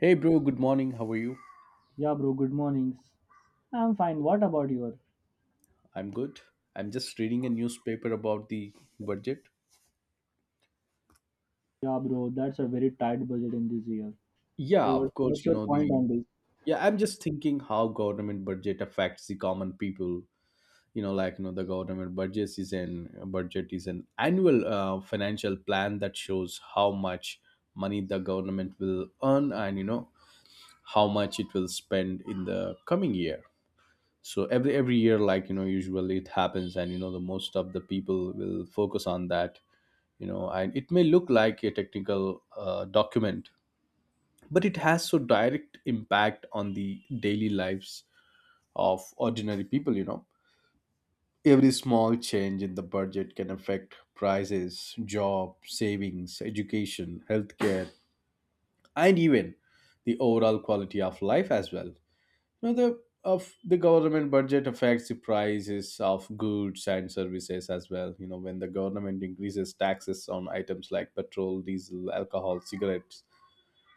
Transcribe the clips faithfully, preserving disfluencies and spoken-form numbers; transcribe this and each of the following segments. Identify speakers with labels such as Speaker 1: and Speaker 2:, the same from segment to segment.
Speaker 1: Hey bro, good morning. How are you?
Speaker 2: Yeah, bro, good mornings. I'm fine. What about your?
Speaker 1: I'm good. I'm just reading a newspaper about the budget.
Speaker 2: Yeah, bro, that's a very tight budget in this year.
Speaker 1: Yeah,
Speaker 2: So, what,
Speaker 1: of course,
Speaker 2: what's
Speaker 1: you
Speaker 2: your
Speaker 1: know
Speaker 2: point
Speaker 1: the
Speaker 2: on this?
Speaker 1: yeah, I'm just thinking how government budget affects the common people. You know, like you know the government budget is an budget is an annual uh, financial plan that shows how much money the government will earn, and you know how much it will spend in the coming year. So every every year, like you know usually it happens, and you know the most of the people will focus on that, you know and it may look like a technical uh, document, but it has so direct impact on the daily lives of ordinary people. You know every small change in the budget can affect prices, job savings, education, healthcare, and even the overall quality of life as well. Now, the of the government budget affects the prices of goods and services as well. You know, when the government increases taxes on items like petrol, diesel, alcohol, cigarettes,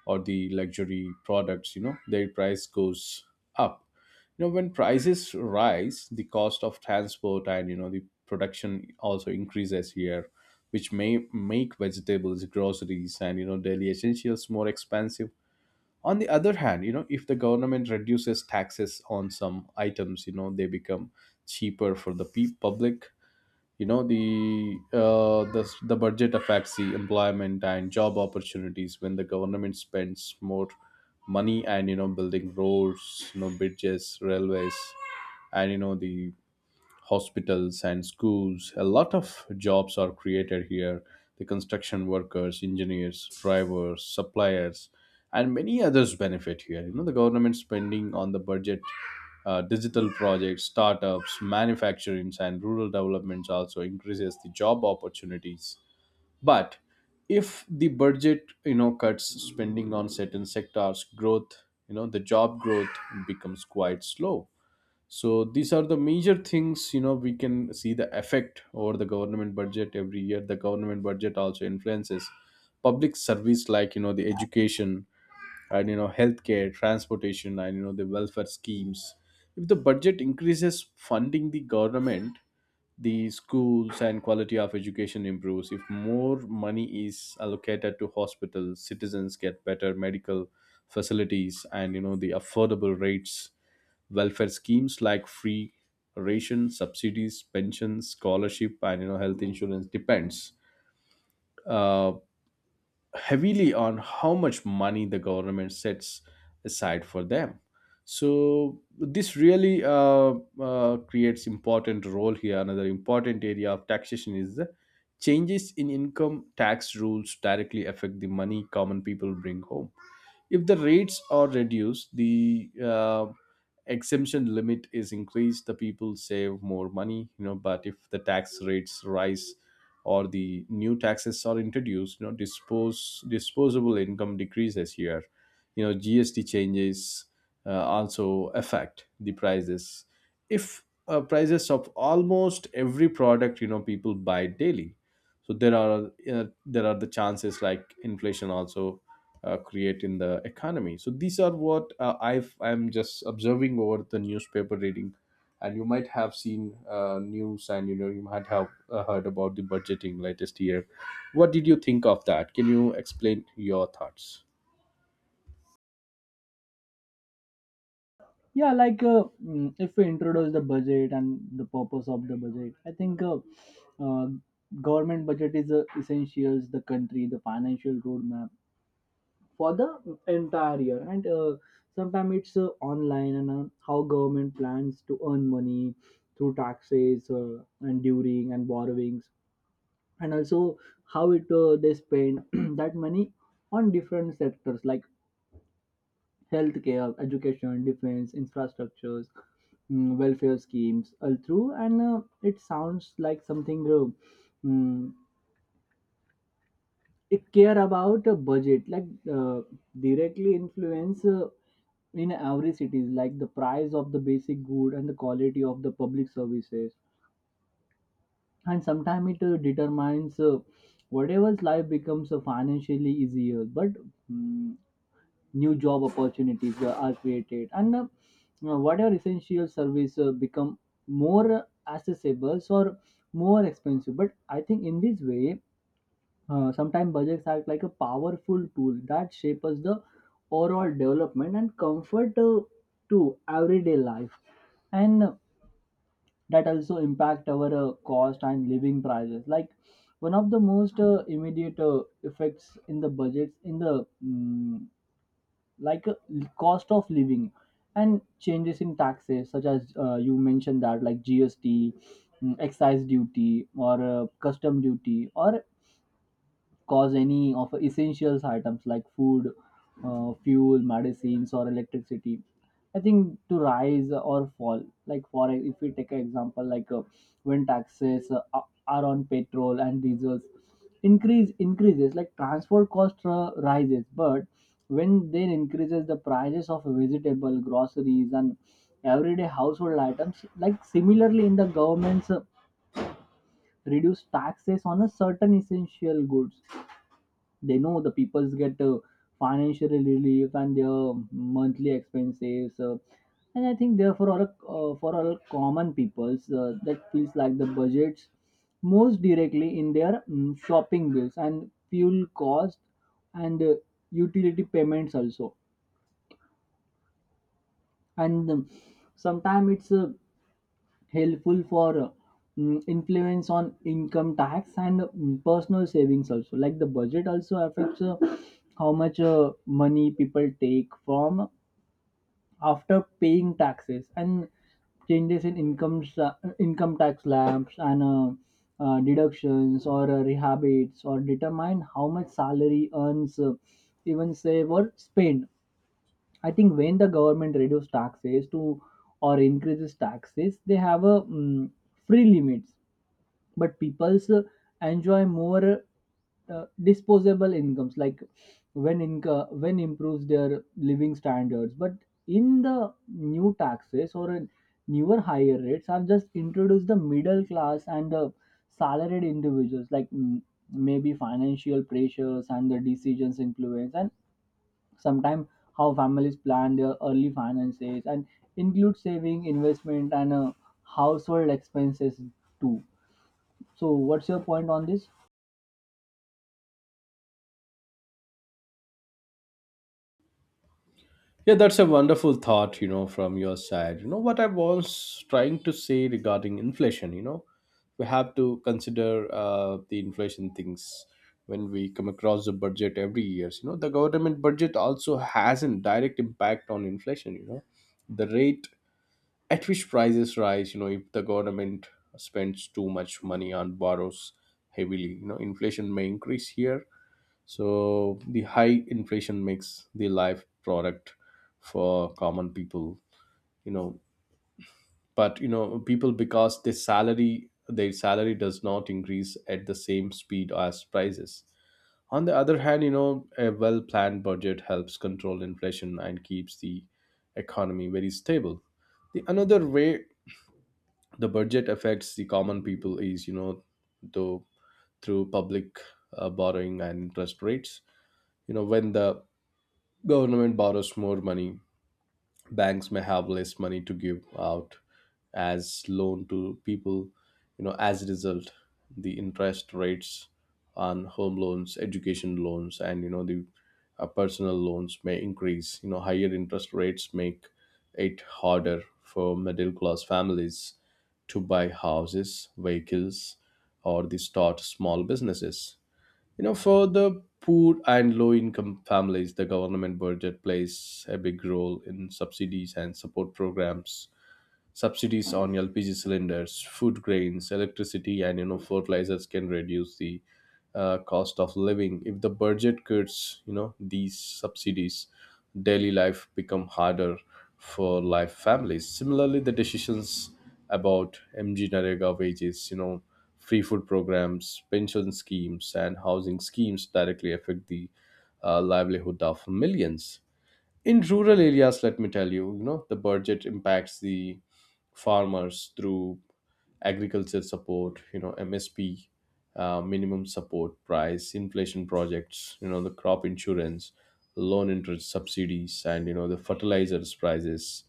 Speaker 1: or the luxury products, you know, their price goes up. You know, when prices rise, the cost of transport and you know the production also increases here, which may make vegetables, groceries, and you know daily essentials more expensive. On the other hand, you know if the government reduces taxes on some items, you know they become cheaper for the pe- public. You know the uh, the the budget affects the employment and job opportunities. When the government spends more money and you know building roads, you know bridges, railways, and you know the hospitals and schools, a lot of jobs are created here. The construction workers, engineers, drivers, suppliers, and many others benefit here. You know, the government spending on the budget, uh, digital projects, startups, manufacturings, and rural developments also increases the job opportunities. But if the budget you know, cuts spending on certain sectors, growth, you know, the job growth becomes quite slow. So these are the major things you know we can see the effect over the government budget every year. The government budget also influences public service like you know the education and you know healthcare, transportation, and you know the welfare schemes. If the budget increases funding, the government, the schools and quality of education improves. If more money is allocated to hospitals, citizens get better medical facilities and you know the affordable rates. Welfare schemes like free ration subsidies, pensions, scholarship, and you know health insurance depends uh, heavily on how much money the government sets aside for them. So this really uh, uh, creates important role here. Another important area of taxation is the changes in income tax rules directly affect the money common people bring home. If the rates are reduced, the uh, exemption limit is increased, the people save more money. You know. But if the tax rates rise or the new taxes are introduced, you know, dispose disposable income decreases here. You know, G S T changes uh, also affect the prices. If uh, prices of almost every product you know, people buy daily, so there are uh, there are the chances like inflation also uh, create in the economy. So these are what uh, i i'm just observing over the newspaper reading. And you might have seen uh, news, and you know you might have uh, heard about the budgeting latest year. What did you think of that? Can you explain your thoughts?
Speaker 2: Yeah, like uh, mm, if we introduce the budget and the purpose of the budget, I think uh, uh, government budget is uh, essential. The country, the financial roadmap for the entire year, and uh, sometimes it's uh, online and uh, how government plans to earn money through taxes uh, and during and borrowings, and also how it uh, they spend that money on different sectors like healthcare, education, defense, infrastructures, mm, welfare schemes all through. And uh, it sounds like something uh, mm, it care about a budget like uh, directly influence uh, in every cities, like the price of the basic good and the quality of the public services. And sometimes it uh, determines uh, whatever's life becomes uh, financially easier, but mm, new job opportunities uh, are created, and uh, uh, whatever essential service uh, become more accessible or more expensive. But I think in this way, uh, sometimes budgets act like a powerful tool that shapes the overall development and comfort uh, to everyday life. And uh, that also impact our uh, cost and living prices, like one of the most uh, immediate uh, effects in the budgets in the mm, like uh, cost of living. And changes in taxes such as, uh, you mentioned that, like GST, mm, excise duty, or uh, custom duty, or cause any of essentials items like food, uh, fuel, medicines, or electricity. I think to rise or fall, like for e, if we take an example, like uh, when taxes uh, are are on petrol and diesels, increase increases like transport cost uh, rises, but when then increases the prices of vegetable, groceries, and everyday household items. Like similarly, in the government's uh, reduce taxes on a certain essential goods, they know the peoples get uh, financial relief and their monthly expenses, uh, and I think therefore all, uh, for all common peoples uh, that feels like the budgets most directly in their mm, shopping bills and fuel cost and uh, utility payments also. And um, sometimes it's uh, helpful for uh, mm, influence on income tax and mm, personal savings also, like the budget also affects uh, how much uh, money people take from after paying taxes. And changes in income sa- income tax slabs and uh, uh, deductions, or uh, rehabits, or determine how much salary earns, uh, even save or spend. I think when the government reduces taxes to or increases taxes, they have a mm, free limits, but people's uh, enjoy more uh, disposable incomes, like when inc- when improves their living standards. But in the new taxes, or in newer higher rates are just introduced, the middle class and the salaried individuals like mm, maybe financial pressures and the decisions influence. And sometimes how families plan their early finances and include saving investment and uh, household expenses too. So what's your point on this?
Speaker 1: Yeah, that's a wonderful thought you know, from your side. You know, what I was trying to say regarding inflation, you know, we have to consider uh, the inflation things when we come across the budget every year. You know, the government budget also has a direct impact on inflation, you know, the rate at which prices rise. You know, if the government spends too much money on borrows heavily, you know, inflation may increase here. So the high inflation makes the life product for common people. You know. But you know, people because their salary their salary does not increase at the same speed as prices. On the other hand, you know, a well planned budget helps control inflation and keeps the economy very stable. The another way the budget affects the common people is you know, though through public uh, borrowing and interest rates. You know, when the government borrows more money, banks may have less money to give out as loan to people. You know, as a result, the interest rates on home loans, education loans, and you know the uh, personal loans may increase. You know, higher interest rates make it harder for middle class families to buy houses, vehicles, or the start small businesses. You know, for the poor and low income families, the government budget plays a big role in subsidies and support programs. Subsidies on L P G cylinders, food grains, electricity, and you know fertilizers can reduce the uh, cost of living. If the budget cuts you know these subsidies, daily life become harder for life families. Similarly, the decisions about M G Narega wages, you know, free food programs, pension schemes, and housing schemes directly affect the uh, livelihood of millions in rural areas. Let me tell you, you know the budget impacts the farmers through agriculture support, you know M S P, uh, minimum support price, inflation projects, you know the crop insurance, loan interest subsidies, and you know the fertilizers prices.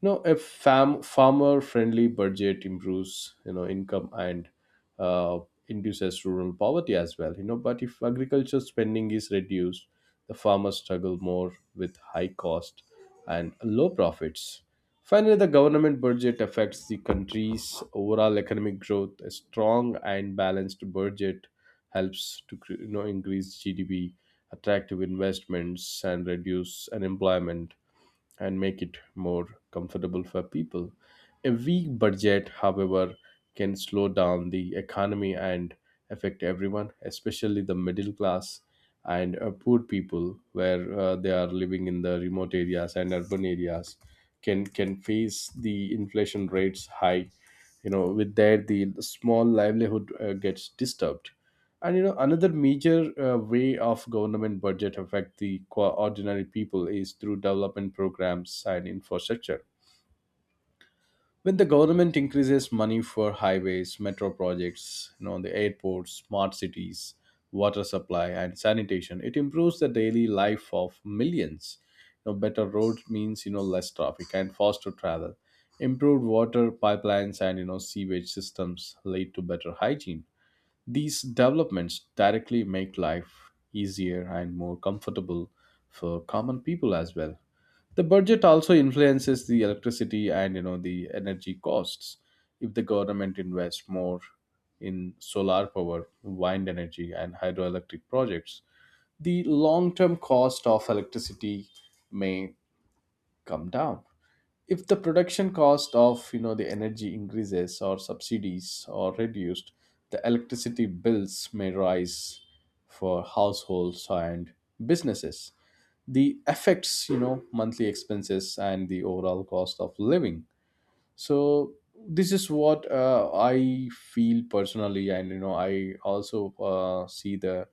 Speaker 1: You know a fam- farmer friendly budget improves you know income and uh, induces rural poverty as well. You know but if agriculture spending is reduced, the farmers struggle more with high cost and low profits. Finally, the government budget affects the country's overall economic growth. A strong and balanced budget helps to cre- you know increase G D P, attractive investments, and reduce unemployment, and make it more comfortable for people. A weak budget, however, can slow down the economy and affect everyone, especially the middle class and uh, poor people, where uh, they are living in the remote areas and urban areas can can face the inflation rates high. You know with that, the small livelihood uh, gets disturbed. And you know, another major uh, way of government budget affect the qua- ordinary people is through development programs and infrastructure. When the government increases money for highways, metro projects, you know, the airports, smart cities, water supply, and sanitation, it improves the daily life of millions. You know, better roads means you know less traffic and faster travel. Improved water pipelines and you know sewage systems lead to better hygiene. These developments directly make life easier and more comfortable for common people as well. The budget also influences the electricity and you know the energy costs. If the government invests more in solar power, wind energy, and hydroelectric projects, the long-term cost of electricity may come down. If the production cost of you know the energy increases or subsidies are reduced, the electricity bills may rise for households and businesses. The affects you know monthly expenses and the overall cost of living. So this is what uh, I feel personally. And you know I also uh, see the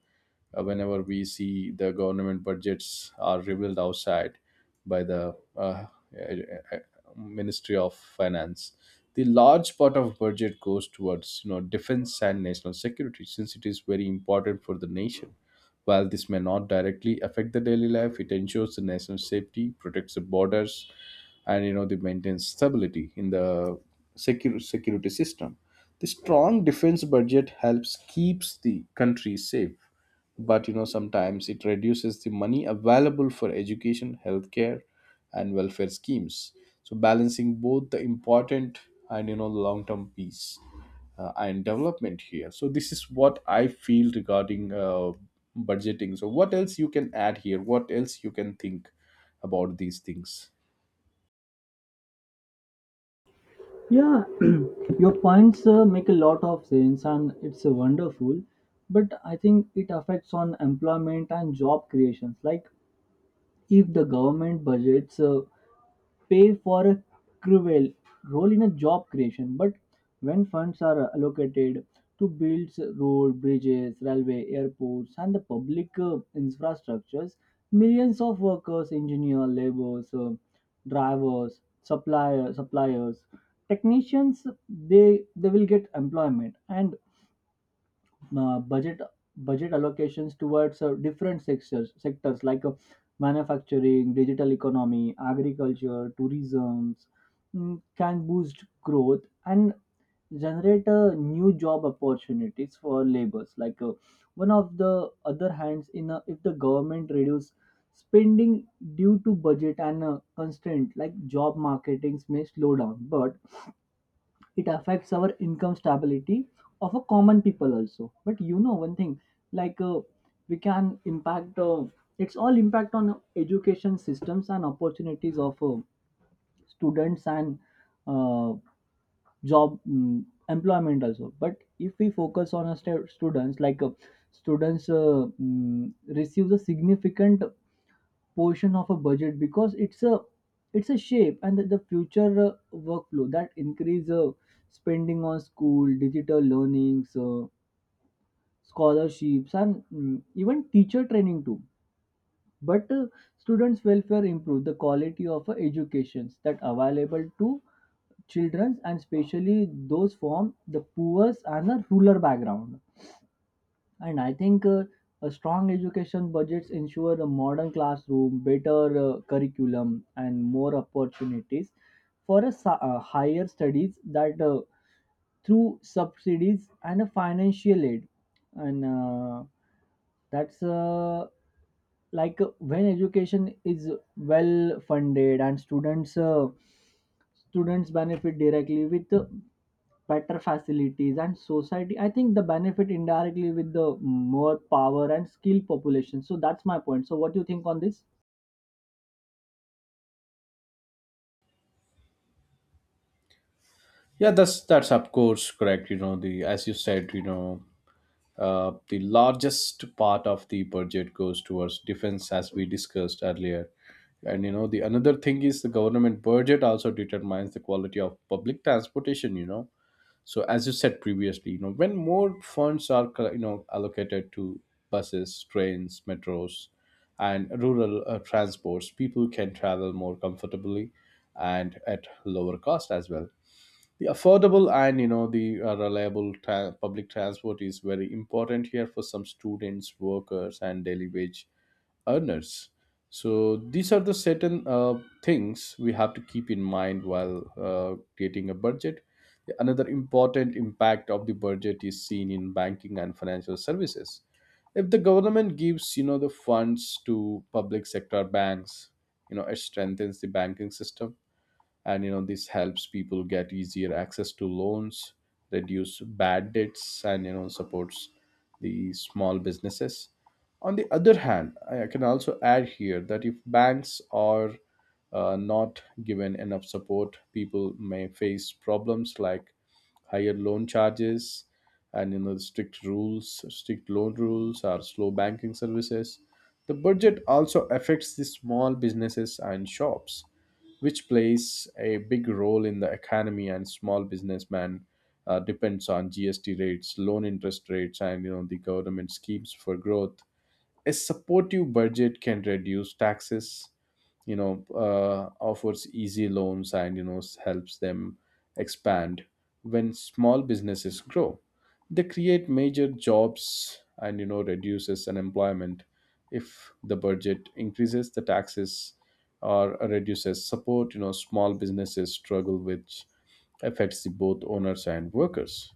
Speaker 1: uh, whenever we see the government budgets are revealed outside by the uh, uh, uh, Ministry of Finance, the large part of budget goes towards you know defense and national security, since it is very important for the nation. While this may not directly affect the daily life, it ensures the national safety, protects the borders, and you know they maintain stability in the secure security system. The strong defense budget helps keeps the country safe, but you know sometimes it reduces the money available for education, healthcare, and welfare schemes. So balancing both the important and you know long term peace uh, and development here. So this is what I feel regarding uh, budgeting. So what else you can add here? What else you can think about these things?
Speaker 2: Yeah, your points uh, make a lot of sense and it's uh, wonderful. But I think it affects on employment and job creations, like if the government budgets uh, pay for a crucial role in a job creation. But when funds are allocated to build roads, bridges, railway, airports, and the public uh, infrastructures, millions of workers, engineers, laborers, uh, drivers, supplier, suppliers, technicians, they they will get employment. And uh, budget budget allocations towards uh, different sectors sectors like uh, manufacturing, digital economy, agriculture, tourism, mm, can boost growth and generate uh, new job opportunities for laborers, like uh, one of the other hands in a, if the government reduce spending due to budget and uh, constraint, like job marketings may slow down. But it affects our income stability of a common people also. But you know one thing, like uh, we can impact uh, it's all impact on education systems and opportunities of uh, students and uh, job mm, employment also. But if we focus on a stu- students, like uh, students uh, mm, receives a significant portion of a budget, because it's a it's a shape and the, the future uh, workflow that increase uh, spending on school, digital learnings, uh, scholarships, and mm, even teacher training too. But uh, students welfare improve the quality of uh, educations that available to children, and especially those from the poorest and the rural background. And I think uh, a strong education budgets ensure a modern classroom, better uh, curriculum, and more opportunities for a, sa- uh, higher studies that uh, through subsidies and a financial aid. And uh, that's uh, like uh, when education is well funded and students uh, students benefit directly with uh, better facilities. And society, I think the benefit indirectly with the more power and skilled population. So that's my point. So what do you think on this?
Speaker 1: Yeah, that's that's of course correct, you know the as you said. You know Uh, the largest part of the budget goes towards defense, as we discussed earlier. And you know, the another thing is the government budget also determines the quality of public transportation. You know, so as you said previously, you know, when more funds are co- you know allocated to buses, trains, metros, and rural uh, transports, people can travel more comfortably and at lower cost as well. The affordable and you know the uh, reliable tra- public transport is very important here for some students, workers, and daily wage earners. So these are the certain uh, things we have to keep in mind while uh, creating a budget. Another important impact of the budget is seen in banking and financial services. If the government gives you know the funds to public sector banks, you know, it strengthens the banking system, and, you know, this helps people get easier access to loans, reduce bad debts, and, you know, supports the small businesses. On the other hand, I can also add here that if banks are uh, not given enough support, people may face problems like higher loan charges, and, you know, strict rules strict loan rules or slow banking services. The budget also affects the small businesses and shops, which plays a big role in the economy, and small businessman uh, depends on G S T rates, loan interest rates, and, you know, the government schemes for growth. A supportive budget can reduce taxes, you know uh, offers easy loans, and you know s- helps them expand. When small businesses grow, they create major jobs and, you know, reduces unemployment. If the budget increases the taxes or reduces support, you know, small businesses struggle, which affects the both owners and workers.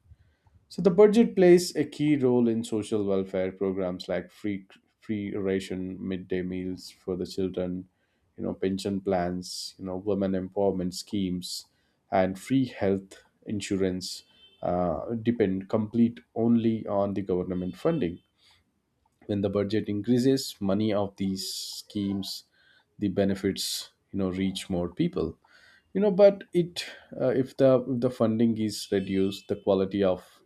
Speaker 1: So the budget plays a key role in social welfare programs like free free ration, midday meals for the children, you know, pension plans, you know, women empowerment schemes, and free health insurance uh, depend complete only on the government funding. When the budget increases, money of these schemes, the benefits, you know, reach more people. You know but it uh, If the if the funding is reduced, the quality of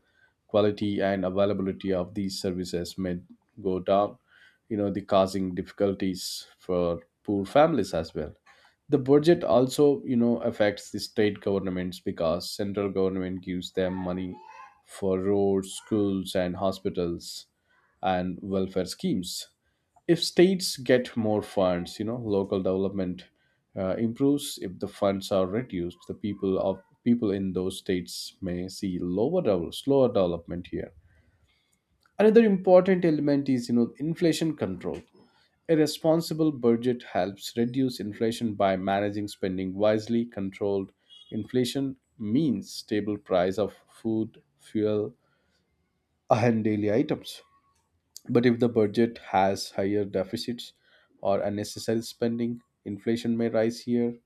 Speaker 1: quality and availability of these services may go down, you know, the causing difficulties for poor families as well. The budget also, you know, affects the state governments because central government gives them money for roads, schools, and hospitals, and welfare schemes. If states get more funds, you know, local development uh, improves. If the funds are reduced, the people of people in those states may see lower devel- slower development here. Another important element is, you know, inflation control. A responsible budget helps reduce inflation by managing spending wisely. Controlled inflation means stable price of food, fuel, and daily items. But if the budget has higher deficits or unnecessary spending, inflation may rise here, you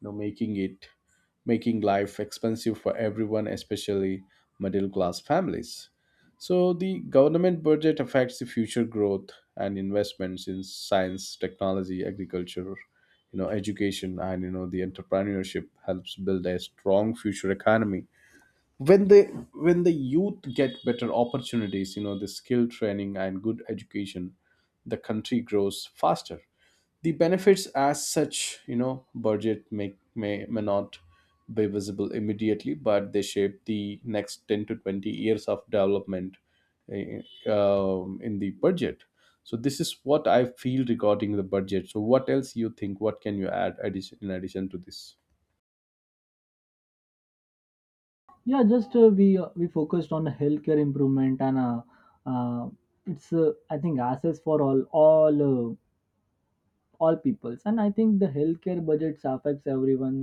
Speaker 1: know, making it making life expensive for everyone, especially middle class families. So the government budget affects the future growth and investments in science, technology, agriculture, you know, education, and, you know, the entrepreneurship helps build a strong future economy. when they when the youth get better opportunities, you know, the skill training and good education, the country grows faster. The benefits as such, you know, budget may may, may not be visible immediately, but they shape the next ten to twenty years of development. eh, um, in the budget, so this is what I feel regarding the budget. So what else you think, what can you add addition, in addition to this?
Speaker 2: Yeah, just uh, we uh, we focused on the healthcare improvement, and uh, uh, it's uh, I think access for all all uh, all peoples. And I think the healthcare budgets affects everyone,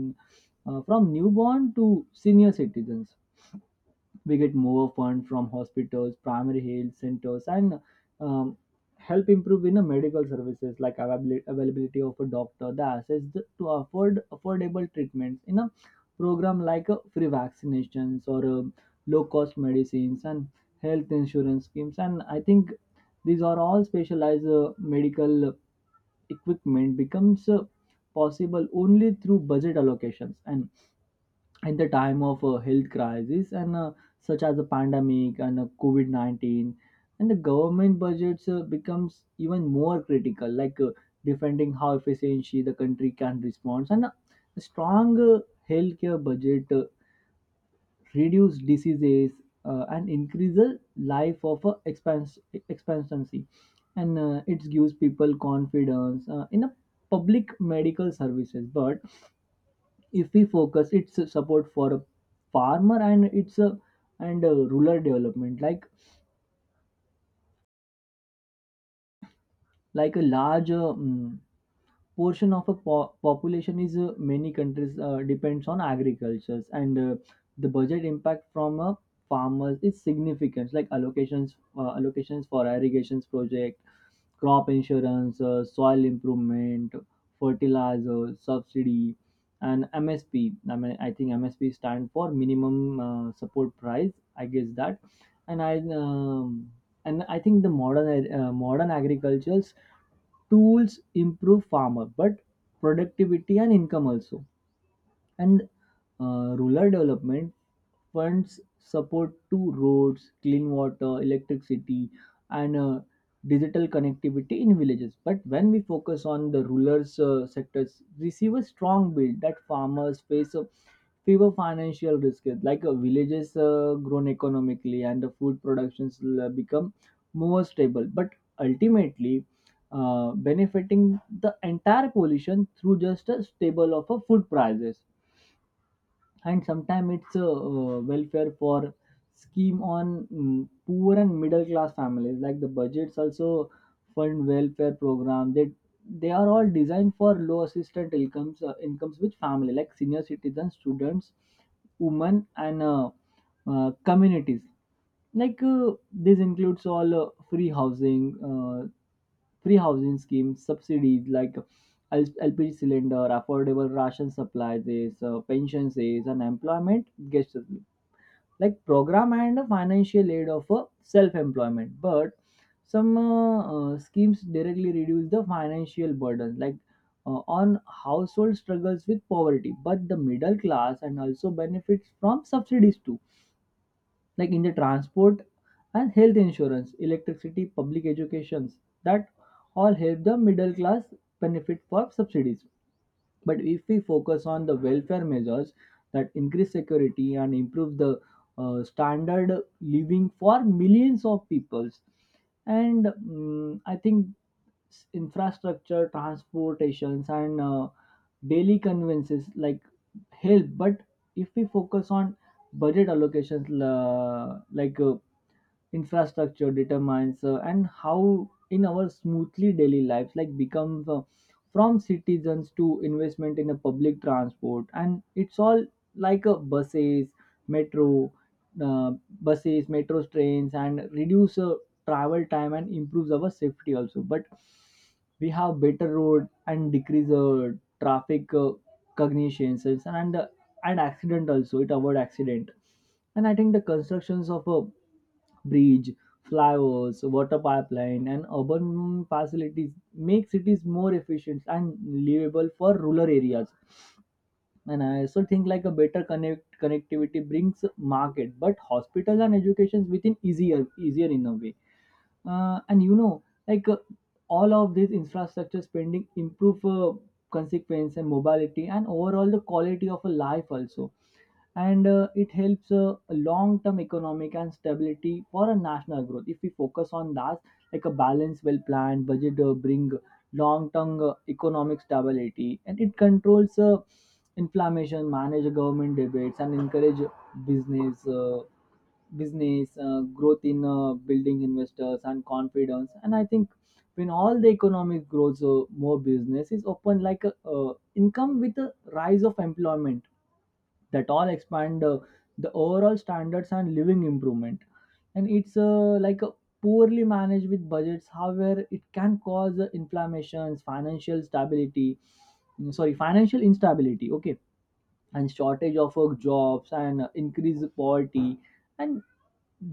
Speaker 2: uh, from newborn to senior citizens. We get more fund from hospitals, primary health centers, and um, help improve in the medical services, like availabil- availability of a doctor, the access th- to afford affordable treatments in a program like uh, free vaccinations, or um, low cost medicines, and health insurance schemes. And I think these are all specialized uh, medical equipment becomes uh, possible only through budget allocations. And in the time of a health crisis, and uh, such as a pandemic and uh, covid nineteen, and the government budgets uh, becomes even more critical, like uh, defending how efficiently the country can respond. And uh, a strong uh, healthcare budget uh, reduce diseases uh, and increase the life of uh, expans- expectancy. And uh, it gives people confidence uh, in a public medical services. But if we focus its support for a farmer and its uh, and uh, rural development, like like a large uh, mm, portion of a po- population is uh, many countries uh, depends on agricultures. And uh, the budget impact from a farmers is significant, like allocations uh, allocations for irrigations project, crop insurance, uh, soil improvement, fertilizer subsidy, and MSP. I mean, I think MSP stand for minimum uh, support price, I guess that. And I um, and I think the modern uh, modern agricultures tools improve farmer but productivity and income also. And uh, rural development funds support to roads, clean water, electricity, and uh, digital connectivity in villages. But when we focus on the rural uh, sectors, we see a strong bill that farmers face a fewer financial risk, like uh, villages uh, grown economically and the food productions will, uh, become more stable. But ultimately, uh, benefiting the entire population through just a stable of a food prices. And sometimes it's a uh, welfare for scheme on mm, poor and middle class families, like the budgets also fund welfare program. they they are all designed for low assistant incomes, uh, incomes with family like senior citizens, students, women, and uh, uh, communities, like uh, this includes all uh, free housing uh, free housing schemes, subsidies like L- LPG cylinder, affordable ration supply, this uh, pensions, this unemployment gets like program, and a financial aid of a self-employment. But some uh, uh, schemes directly reduce the financial burden, like uh, on household struggles with poverty. But the middle class and also benefits from subsidies too, like in the transport and health insurance, electricity, public educations, that all help the middle class benefit for subsidies. But if we focus on the welfare measures that increase security and improve the uh, standard living for millions of peoples, and mm, I think s- infrastructure, transportations, and uh, daily conveniences like help. But if we focus on budget allocations la- like uh, infrastructure determines uh, and how in our smoothly daily lives like becomes uh, from citizens to investment in a public transport, and it's all like uh, buses metro uh, buses, metro trains, and reduce uh, travel time and improves our safety also. But we have better road and decrease uh, traffic uh, cognitions and uh, and accident also, it avoid accident. And I think the constructions of a bridge, flyovers, water pipeline, and urban facilities make cities more efficient and livable for rural areas. And I also think like a better connect connectivity brings market but hospitals and educations within easier easier in a way. Uh, and you know, like uh, all of this infrastructure spending improve uh, consequence and mobility and overall the quality of a life also. And uh, it helps uh, long-term economic and stability for a national growth. If we focus on that, like a balanced, well-planned budget uh, bring long-term uh, economic stability, and it controls uh, inflammation, manage government debates, and encourage business. Uh, business, uh, growth in uh, building investors and confidence. And I think when all the economic grows, uh, more business is open, like a uh, income with a rise of employment, that all expand uh, the overall standards and living improvement. And it's uh, like a poorly managed with budgets, however, it can cause uh, inflammations, financial stability, mm, sorry, financial instability. Okay. And shortage of work jobs and uh, increased poverty. And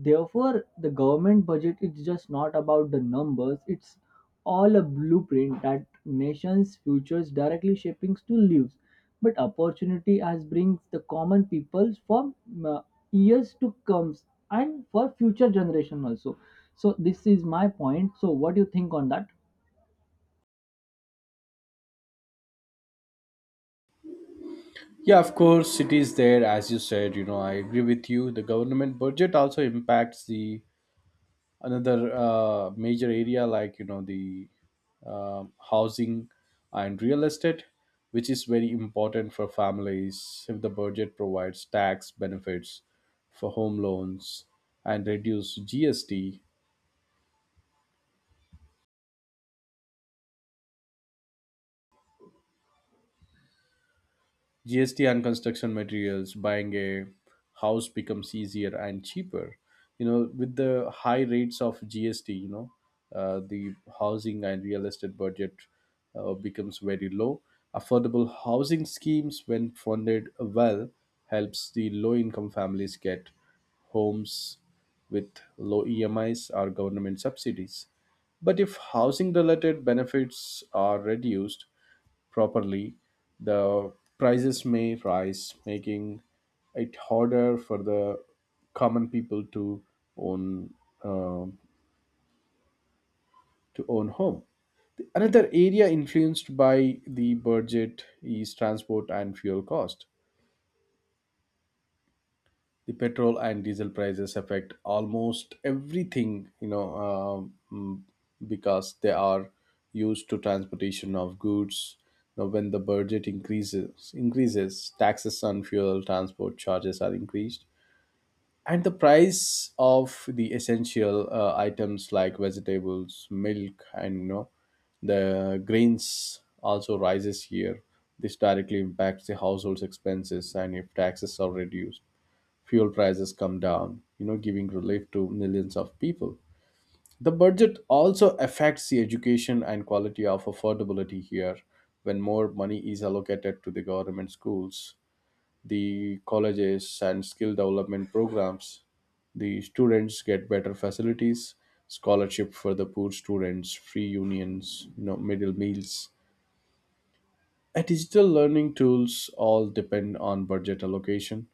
Speaker 2: therefore the government budget is just not about the numbers. It's all a blueprint that nations futures directly shaping to lives, but opportunity as brings the common people for uh, years to come, and for future generation also. So this is my point. So what do you think on that?
Speaker 1: Yeah, of course, it is there. As you said, you know, I agree with you. The government budget also impacts the another uh, major area like, you know, the um housing and real estate, which is very important for families. If the budget provides tax benefits for home loans and reduce GST, G S T on construction materials, buying a house becomes easier and cheaper. You know, with the high rates of G S T, you know, uh, the housing and real estate budget uh, becomes very low. Affordable housing schemes, when funded well, helps the low-income families get homes with low E M Is or government subsidies. But if housing related benefits are reduced properly, the prices may rise, making it harder for the common people to own uh, to own home. Another area influenced by the budget is transport and fuel cost. The petrol and diesel prices affect almost everything, you know, um, mm, because they are used to transportation of goods. Now when the budget increases increases taxes on fuel, transport charges are increased, and the price of the essential uh, items like vegetables, milk, and, you know, the grains also rises here. This directly impacts the household's expenses, and if taxes are reduced, fuel prices come down, you know, giving relief to millions of people. The budget also affects the education and quality of affordability here. When more money is allocated to the government schools, the colleges, and skill development programs, the students get better facilities, scholarship for the poor students, free unions, you know, middle meals, uh, digital learning tools all depend on budget allocation.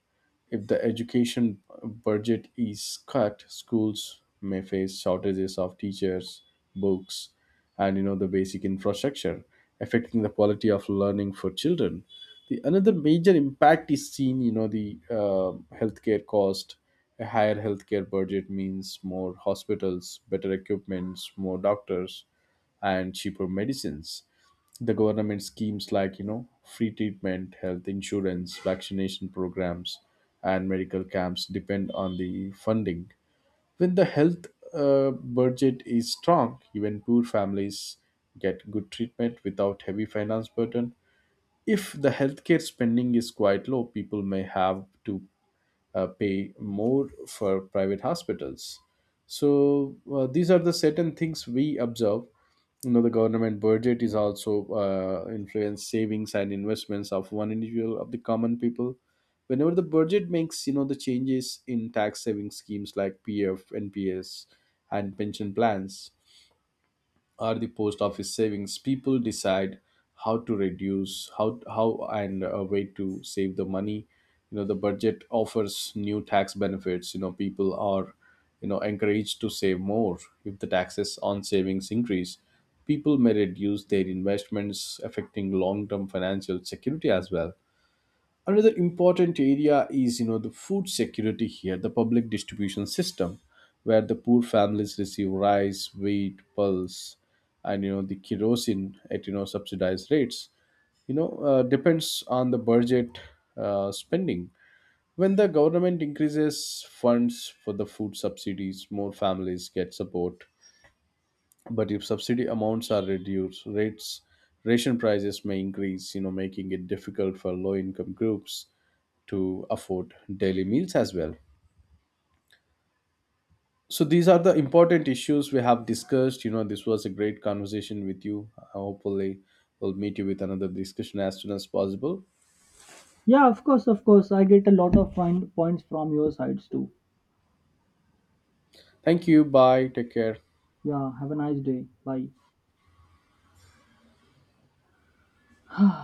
Speaker 1: If the education budget is cut, schools may face shortages of teachers, books, and, you know, the basic infrastructure, affecting the quality of learning for children. The another major impact is seen, you know, the uh, healthcare cost. A higher healthcare budget means more hospitals, better equipments, more doctors, and cheaper medicines. The government schemes like, you know, free treatment, health insurance, vaccination programs, and medical camps depend on the funding. When the health uh, budget is strong, even poor families get good treatment without heavy finance burden. If the healthcare spending is quite low, people may have to uh, pay more for private hospitals. So uh, these are the certain things we observe. You know, the government budget is also uh, influence savings and investments of one individual of the common people. Whenever the budget makes, you know, the changes in tax saving schemes like P F, N P S, and pension plans, or the post office savings, people decide how to reduce how how and a way to save the money. You know, the budget offers new tax benefits, you know, people are, you know, encouraged to save more. If the taxes on savings increase, people may reduce their investments, affecting long term financial security as well. Another important area is, you know, the food security here, the public distribution system, where the poor families receive rice, wheat, pulse, and, you know, the kerosene at, you know, subsidized rates. You know, uh, depends on the budget uh, spending. When the government increases funds for the food subsidies, more families get support. But if subsidy amounts are reduced, rates ration prices may increase, you know, making it difficult for low income groups to afford daily meals as well. So these are the important issues we have discussed. You know, this was a great conversation with you. Hopefully we'll meet you with another discussion as soon as possible.
Speaker 2: Yeah, of course, of course, I get a lot of fine points from your sides too.
Speaker 1: Thank you, bye, take care.
Speaker 2: Yeah, have a nice day. Bye.